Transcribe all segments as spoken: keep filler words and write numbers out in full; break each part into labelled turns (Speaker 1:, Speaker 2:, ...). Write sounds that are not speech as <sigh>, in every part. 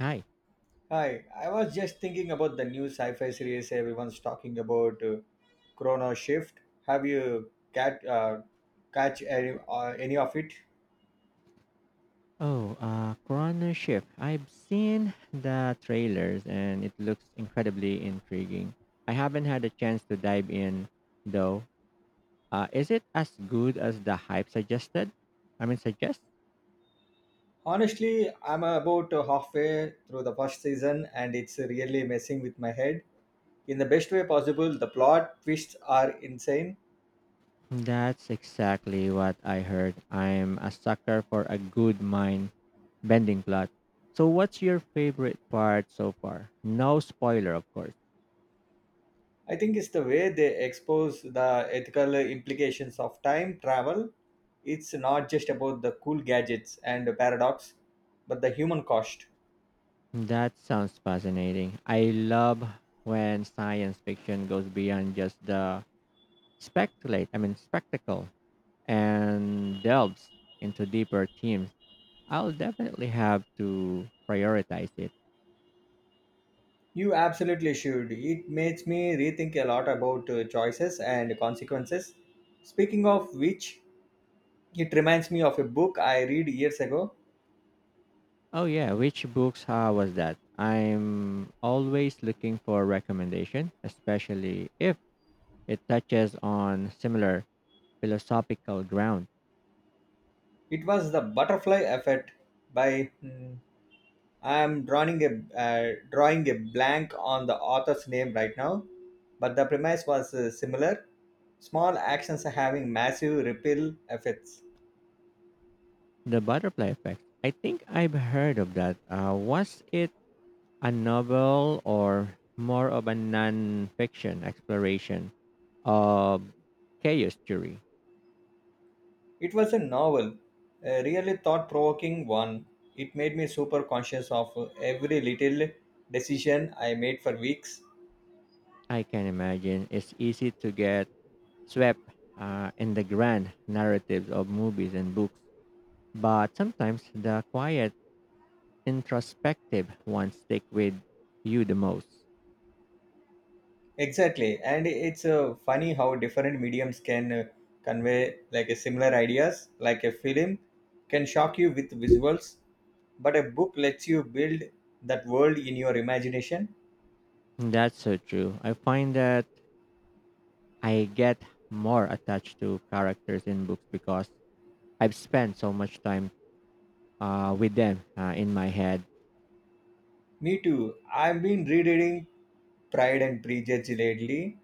Speaker 1: Hi.
Speaker 2: Hi, I was just thinking about the new sci-fi series everyone's talking about, uh, Chrono Shift. Have you cat uh, Catch any, uh, any of it?
Speaker 1: Oh, uh, Coroner Ship. I've seen the trailers and it looks incredibly intriguing. I haven't had a chance to dive in though. Uh, is it as good as the hype suggested? I mean, suggest?
Speaker 2: Honestly, I'm about uh, halfway through the first season, and it's really messing with my head in the best way possible. The plot twists are insane.
Speaker 1: That's exactly what I heard. I'm a sucker for a good mind bending plot. So, what's your favorite part so far? No spoiler, of course.
Speaker 2: I think it's the way they expose the ethical implications of time travel. It's not just about the cool gadgets and the paradox, but the human cost.
Speaker 1: That sounds fascinating. I love when science fiction goes beyond just the speculate, I mean spectacle and delves into deeper themes. I'll definitely have to prioritize it.
Speaker 2: You absolutely should. It makes me rethink a lot about uh, choices and consequences. Speaking of which, it reminds me of a book I read years ago.
Speaker 1: Oh yeah, which books how was that? I'm always looking for recommendation, especially if it touches on similar philosophical ground.
Speaker 2: It was The Butterfly Effect by hmm, I am drawing a uh, drawing a blank on the author's name right now, but the premise was uh, similar. Small actions having massive ripple effects.
Speaker 1: The butterfly effect. I think I've heard of that. Uh, was it a novel or more of a non-fiction exploration of chaos theory?
Speaker 2: It was a novel, a really thought provoking one. It made me super conscious of uh, every little decision I made for weeks.
Speaker 1: I can imagine it's easy to get swept uh, in the grand narratives of movies and books, but sometimes the quiet, introspective ones stick with you the most.
Speaker 2: Exactly, and it's uh, funny how different mediums can uh, convey like a similar ideas, like a film can shock you with visuals, but a book lets you build that world in your imagination.
Speaker 1: That's so true. I find that I get more attached to characters in books because I've spent so much time uh, with them uh, in my head.
Speaker 2: Me too. I've been rereading Pride and Prejudice lately,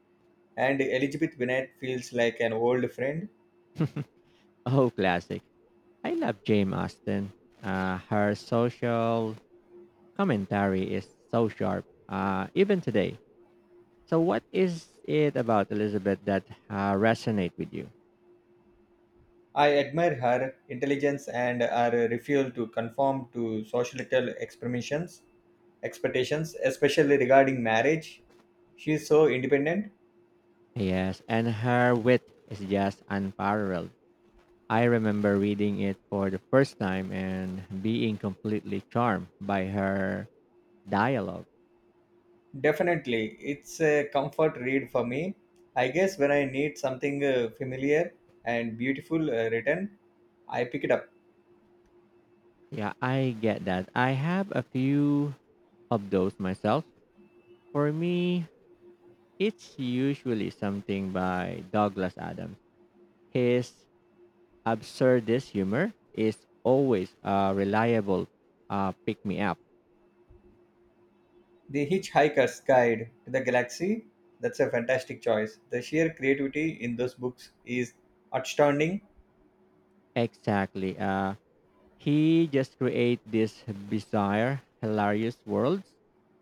Speaker 2: and Elizabeth Bennet feels like an old friend.
Speaker 1: Oh, classic. I love Jane Austen. Uh, her social commentary is so sharp, uh, even today. So, what is it about Elizabeth that uh, resonate with you?
Speaker 2: I admire her intelligence and her refusal to conform to societal experimentations, expectations, especially regarding marriage. She is so independent.
Speaker 1: Yes, and her wit is just unparalleled. I remember reading it for the first time and being completely charmed by her dialogue.
Speaker 2: Definitely, it's a comfort read for me. I guess when I need something uh, familiar and beautiful uh, written, I pick it up.
Speaker 1: Yeah, I get that. I have a few of those myself. For me, it's usually something by Douglas Adams. His absurdist humor is always a reliable uh, pick me up.
Speaker 2: The Hitchhiker's Guide to the Galaxy, that's a fantastic choice. The sheer creativity in those books is outstanding.
Speaker 1: Exactly. Uh, he just creates this bizarre, hilarious worlds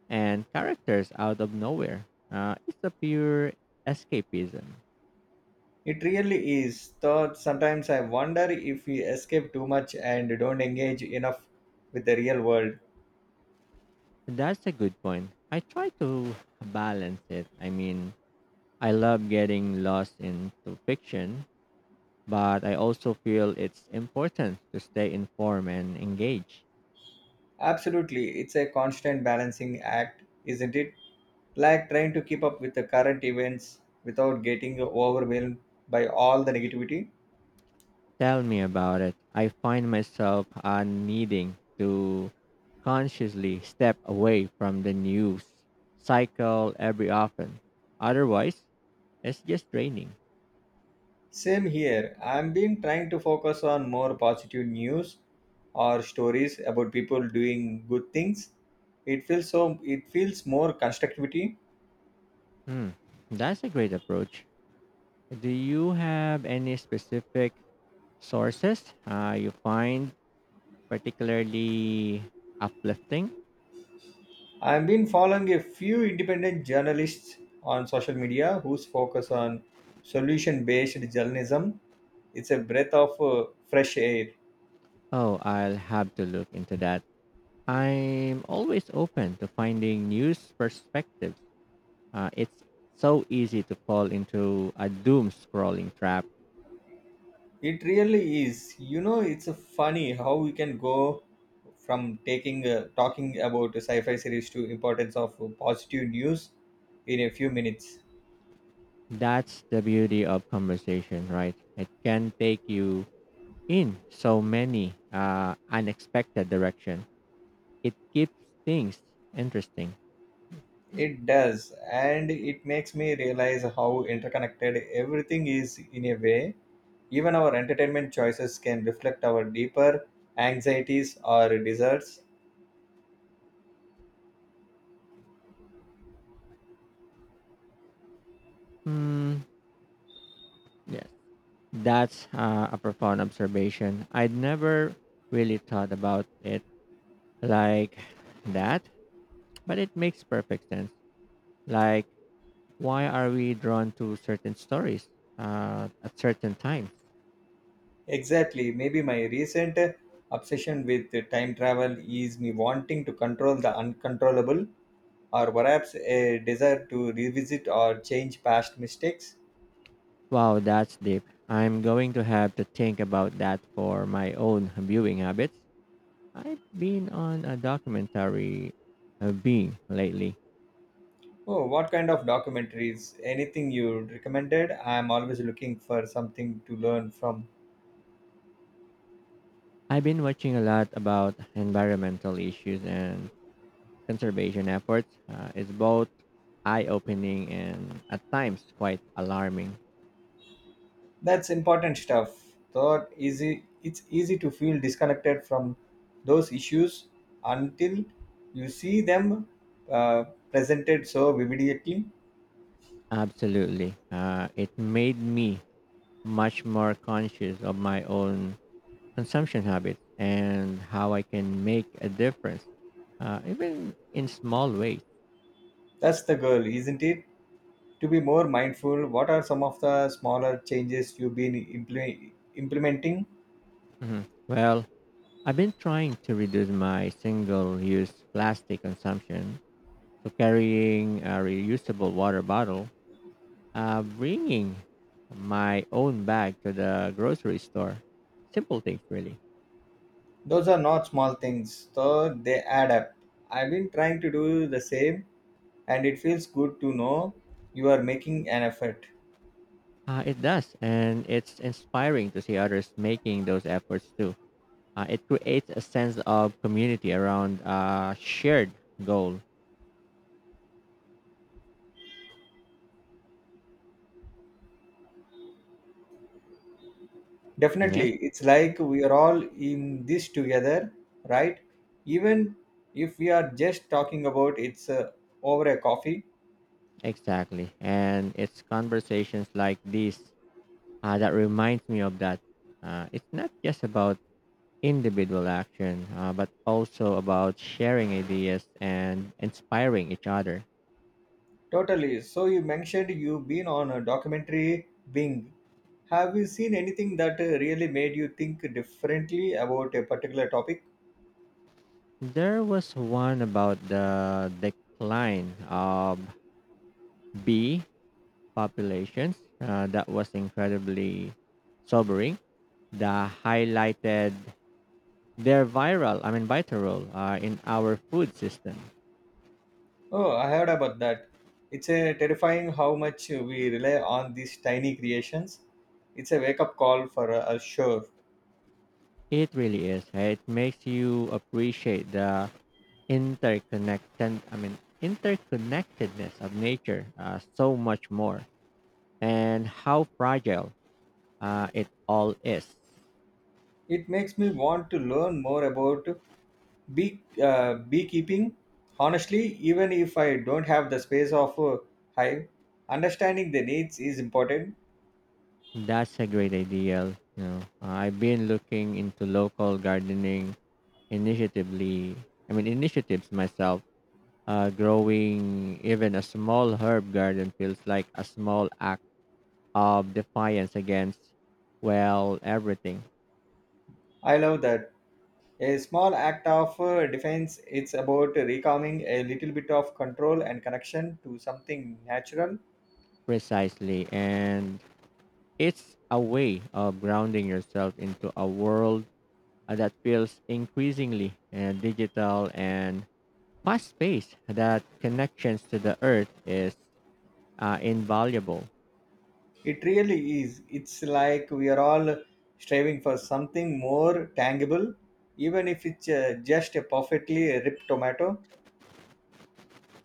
Speaker 1: and characters out of nowhere. Uh, it's a pure escapism.
Speaker 2: It really is. Though sometimes I wonder if we escape too much and don't engage enough with the real world.
Speaker 1: That's a good point. I try to balance it. I mean, I love getting lost into fiction, but I also feel it's important to stay informed and engaged.
Speaker 2: Absolutely, it's a constant balancing act, isn't it? Like trying to keep up with the current events without getting overwhelmed by all the negativity.
Speaker 1: Tell me about it. I find myself uh, needing to consciously step away from the news cycle every often. Otherwise, it's just draining.
Speaker 2: Same here. I've been trying to focus on more positive news or stories about people doing good things. It feels so. It feels more constructivity.
Speaker 1: Hmm, that's a great approach. Do you have any specific sources uh, you find particularly uplifting?
Speaker 2: I've been following a few independent journalists on social media whose focus on solution based journalism. It's a breath of uh, fresh air.
Speaker 1: Oh, I'll have to look into that. I'm always open to finding new perspectives. Uh, it's so easy to fall into a doom scrolling trap.
Speaker 2: It really is. You know, it's uh, funny how we can go from taking uh, talking about a sci-fi series to importance of uh, positive news in a few minutes.
Speaker 1: That's the beauty of conversation, right? It can take you in so many uh, unexpected direction. It keeps things interesting.
Speaker 2: It does, and it makes me realize how interconnected everything is in a way. Even our entertainment choices can reflect our deeper anxieties or desires.
Speaker 1: Hmm. Yes, that's uh, a profound observation. I'd never really thought about it like that, but it makes perfect sense. Like why are we drawn to certain stories uh, at certain times?
Speaker 2: Exactly, maybe my recent obsession with time travel is me wanting to control the uncontrollable, or perhaps a desire to revisit or change past mistakes.
Speaker 1: Wow, that's deep. I'm going to have to think about that for my own viewing habits. I've been on a documentary uh, being lately.
Speaker 2: Oh, what kind of documentaries? Anything you recommended? I am always looking for something to learn from.
Speaker 1: I've been watching a lot about environmental issues and conservation efforts. Uh, it's both eye opening and at times quite alarming.
Speaker 2: That's important stuff. Thought easy it's easy to feel disconnected from those issues until you see them uh, presented so vividly.
Speaker 1: Absolutely. Uh, it made me much more conscious of my own consumption habits and how I can make a difference, uh, even in small ways.
Speaker 2: That's the goal, isn't it? To be more mindful, what are some of the smaller changes you've been imple- implementing?
Speaker 1: Mhm. Well, I've been trying to reduce my single use plastic consumption. So, carrying a reusable water bottle, uh, bringing my own bag to the grocery store. Simple things, really.
Speaker 2: Those are not small things, though they add up. I've been trying to do the same, and it feels good to know you are making an effort.
Speaker 1: Uh, it does. And it's inspiring to see others making those efforts too. Uh, it creates a sense of community around a shared goal. Yes,
Speaker 2: Definitely, it's like we are all in this together, right? Even if we are just talking about it's uh, over a coffee.
Speaker 1: exactly. And it's conversations like this uh, that reminds me of that. Uh, it's not just about individual action, uh, but also about sharing ideas and inspiring each other.
Speaker 2: Totally. So you mentioned you've been on a documentary Bing. Have you seen anything that uh, really made you think differently about a particular topic?
Speaker 1: There was one about the decline of bee populations uh, that was incredibly sobering. The highlighted their viral, I mean, vital role uh, in our food system.
Speaker 2: Oh, I heard about that. It's a terrifying how much we rely on these tiny creations. It's a wake up call for uh, us, sure.
Speaker 1: It really is, right? It makes you appreciate the interconnected, I mean, interconnectedness of nature uh, so much more, and how fragile uh, it all is.
Speaker 2: It makes me want to learn more about Bee, uh, beekeeping, honestly, even if I don't have the space of a hive, understanding the needs is important.
Speaker 1: That's a great idea. You know, Uh, I've been looking into local gardening initiatively. I mean, initiatives myself. Uh, growing even a small herb garden feels like a small act of defiance against, well, everything.
Speaker 2: I love that. A small act of uh, defense, it's about recalming a little bit of control and connection to something natural.
Speaker 1: Precisely. And it's a way of grounding yourself into a world uh, that feels increasingly uh, digital and fast paced, that connections to the earth is uh, invaluable.
Speaker 2: It really is. It's like we are all striving for something more tangible, even if it's uh, just a perfectly ripped tomato.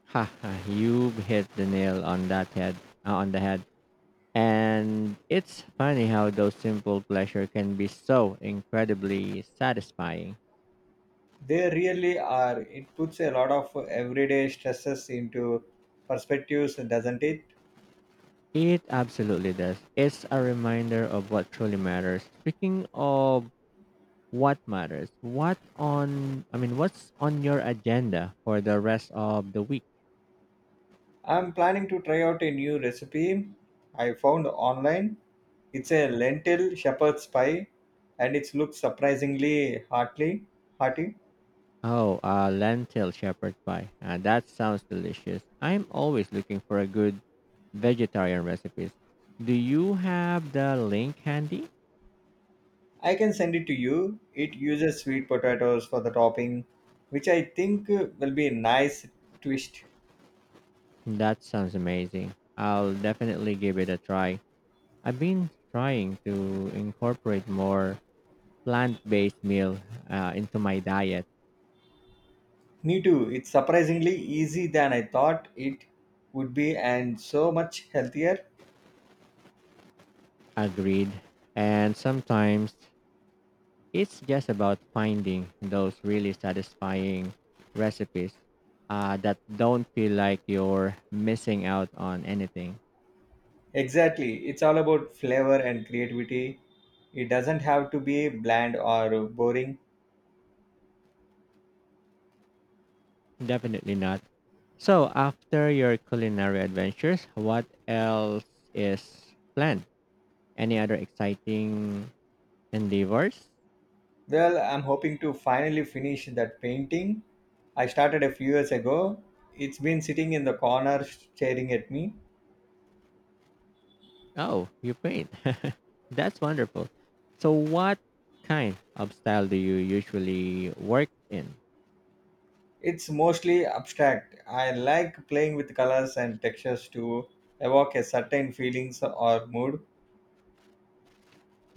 Speaker 1: Ha, ha, you've hit the nail on that head, uh, on the head. And it's funny how those simple pleasure can be so incredibly satisfying.
Speaker 2: They really are. It puts a lot of everyday stresses into perspectives, doesn't it?
Speaker 1: It absolutely does. It's a reminder of what truly matters. Speaking of what matters what on I mean what's on your agenda for the rest of the week?
Speaker 2: I'm planning to try out a new recipe I found online. It's a lentil shepherd's pie and it looks surprisingly heartily hearty.
Speaker 1: Oh, uh lentil shepherd pie, uh, that sounds delicious. I'm always looking for a good vegetarian recipes. Do you have the link handy?
Speaker 2: I can send it to you. It uses sweet potatoes for the topping, which I think uh, will be a nice twist.
Speaker 1: That sounds amazing. I'll definitely give it a try. I've been trying to incorporate more plant-based meal uh, into my diet.
Speaker 2: Me too. It's surprisingly easy than I thought it would be and so much healthier.
Speaker 1: Agreed, and sometimes it's just about finding those really satisfying recipes uh, that don't feel like you're missing out on anything.
Speaker 2: Exactly. It's all about flavor and creativity. It doesn't have to be bland or boring.
Speaker 1: Definitely not. So, after your culinary adventures, what else is planned? Any other exciting endeavors?
Speaker 2: Well, I'm hoping to finally finish that painting. I started a few years ago. It's been sitting in the corner staring at me.
Speaker 1: Oh, you paint. <laughs> That's wonderful. So, what kind of style do you usually work in?
Speaker 2: It's mostly abstract. I like playing with colors and textures to evoke a certain feelings or mood.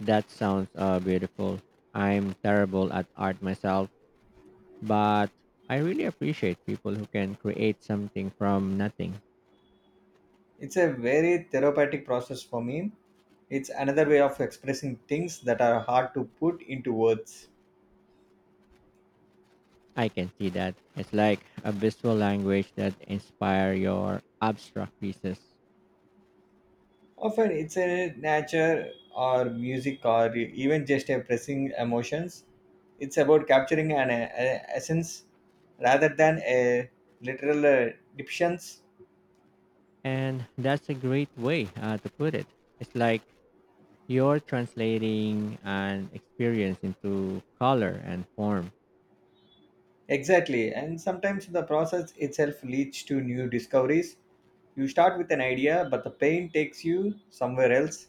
Speaker 1: That sounds uh, beautiful. I'm terrible at art myself, but I really appreciate people who can create something from nothing.
Speaker 2: It's a very therapeutic process for me. It's another way of expressing things that are hard to put into words.
Speaker 1: I can see that. It's like a visual language that inspire your abstract pieces.
Speaker 2: Often it's a nature or music or even just a pressing emotions. It's about capturing an uh, uh, essence rather than a literal uh, depictions.
Speaker 1: And that's a great way uh, to put it. It's like you're translating an experience into color and form.
Speaker 2: Exactly, and sometimes the process itself leads to new discoveries. You start with an idea, but the pain takes you somewhere else.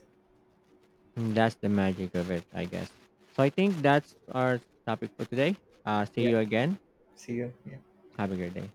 Speaker 1: And that's the magic of it, I guess. So I think that's our topic for today. Uh, see
Speaker 2: Yeah,
Speaker 1: you again.
Speaker 2: see you.
Speaker 1: Have a great day.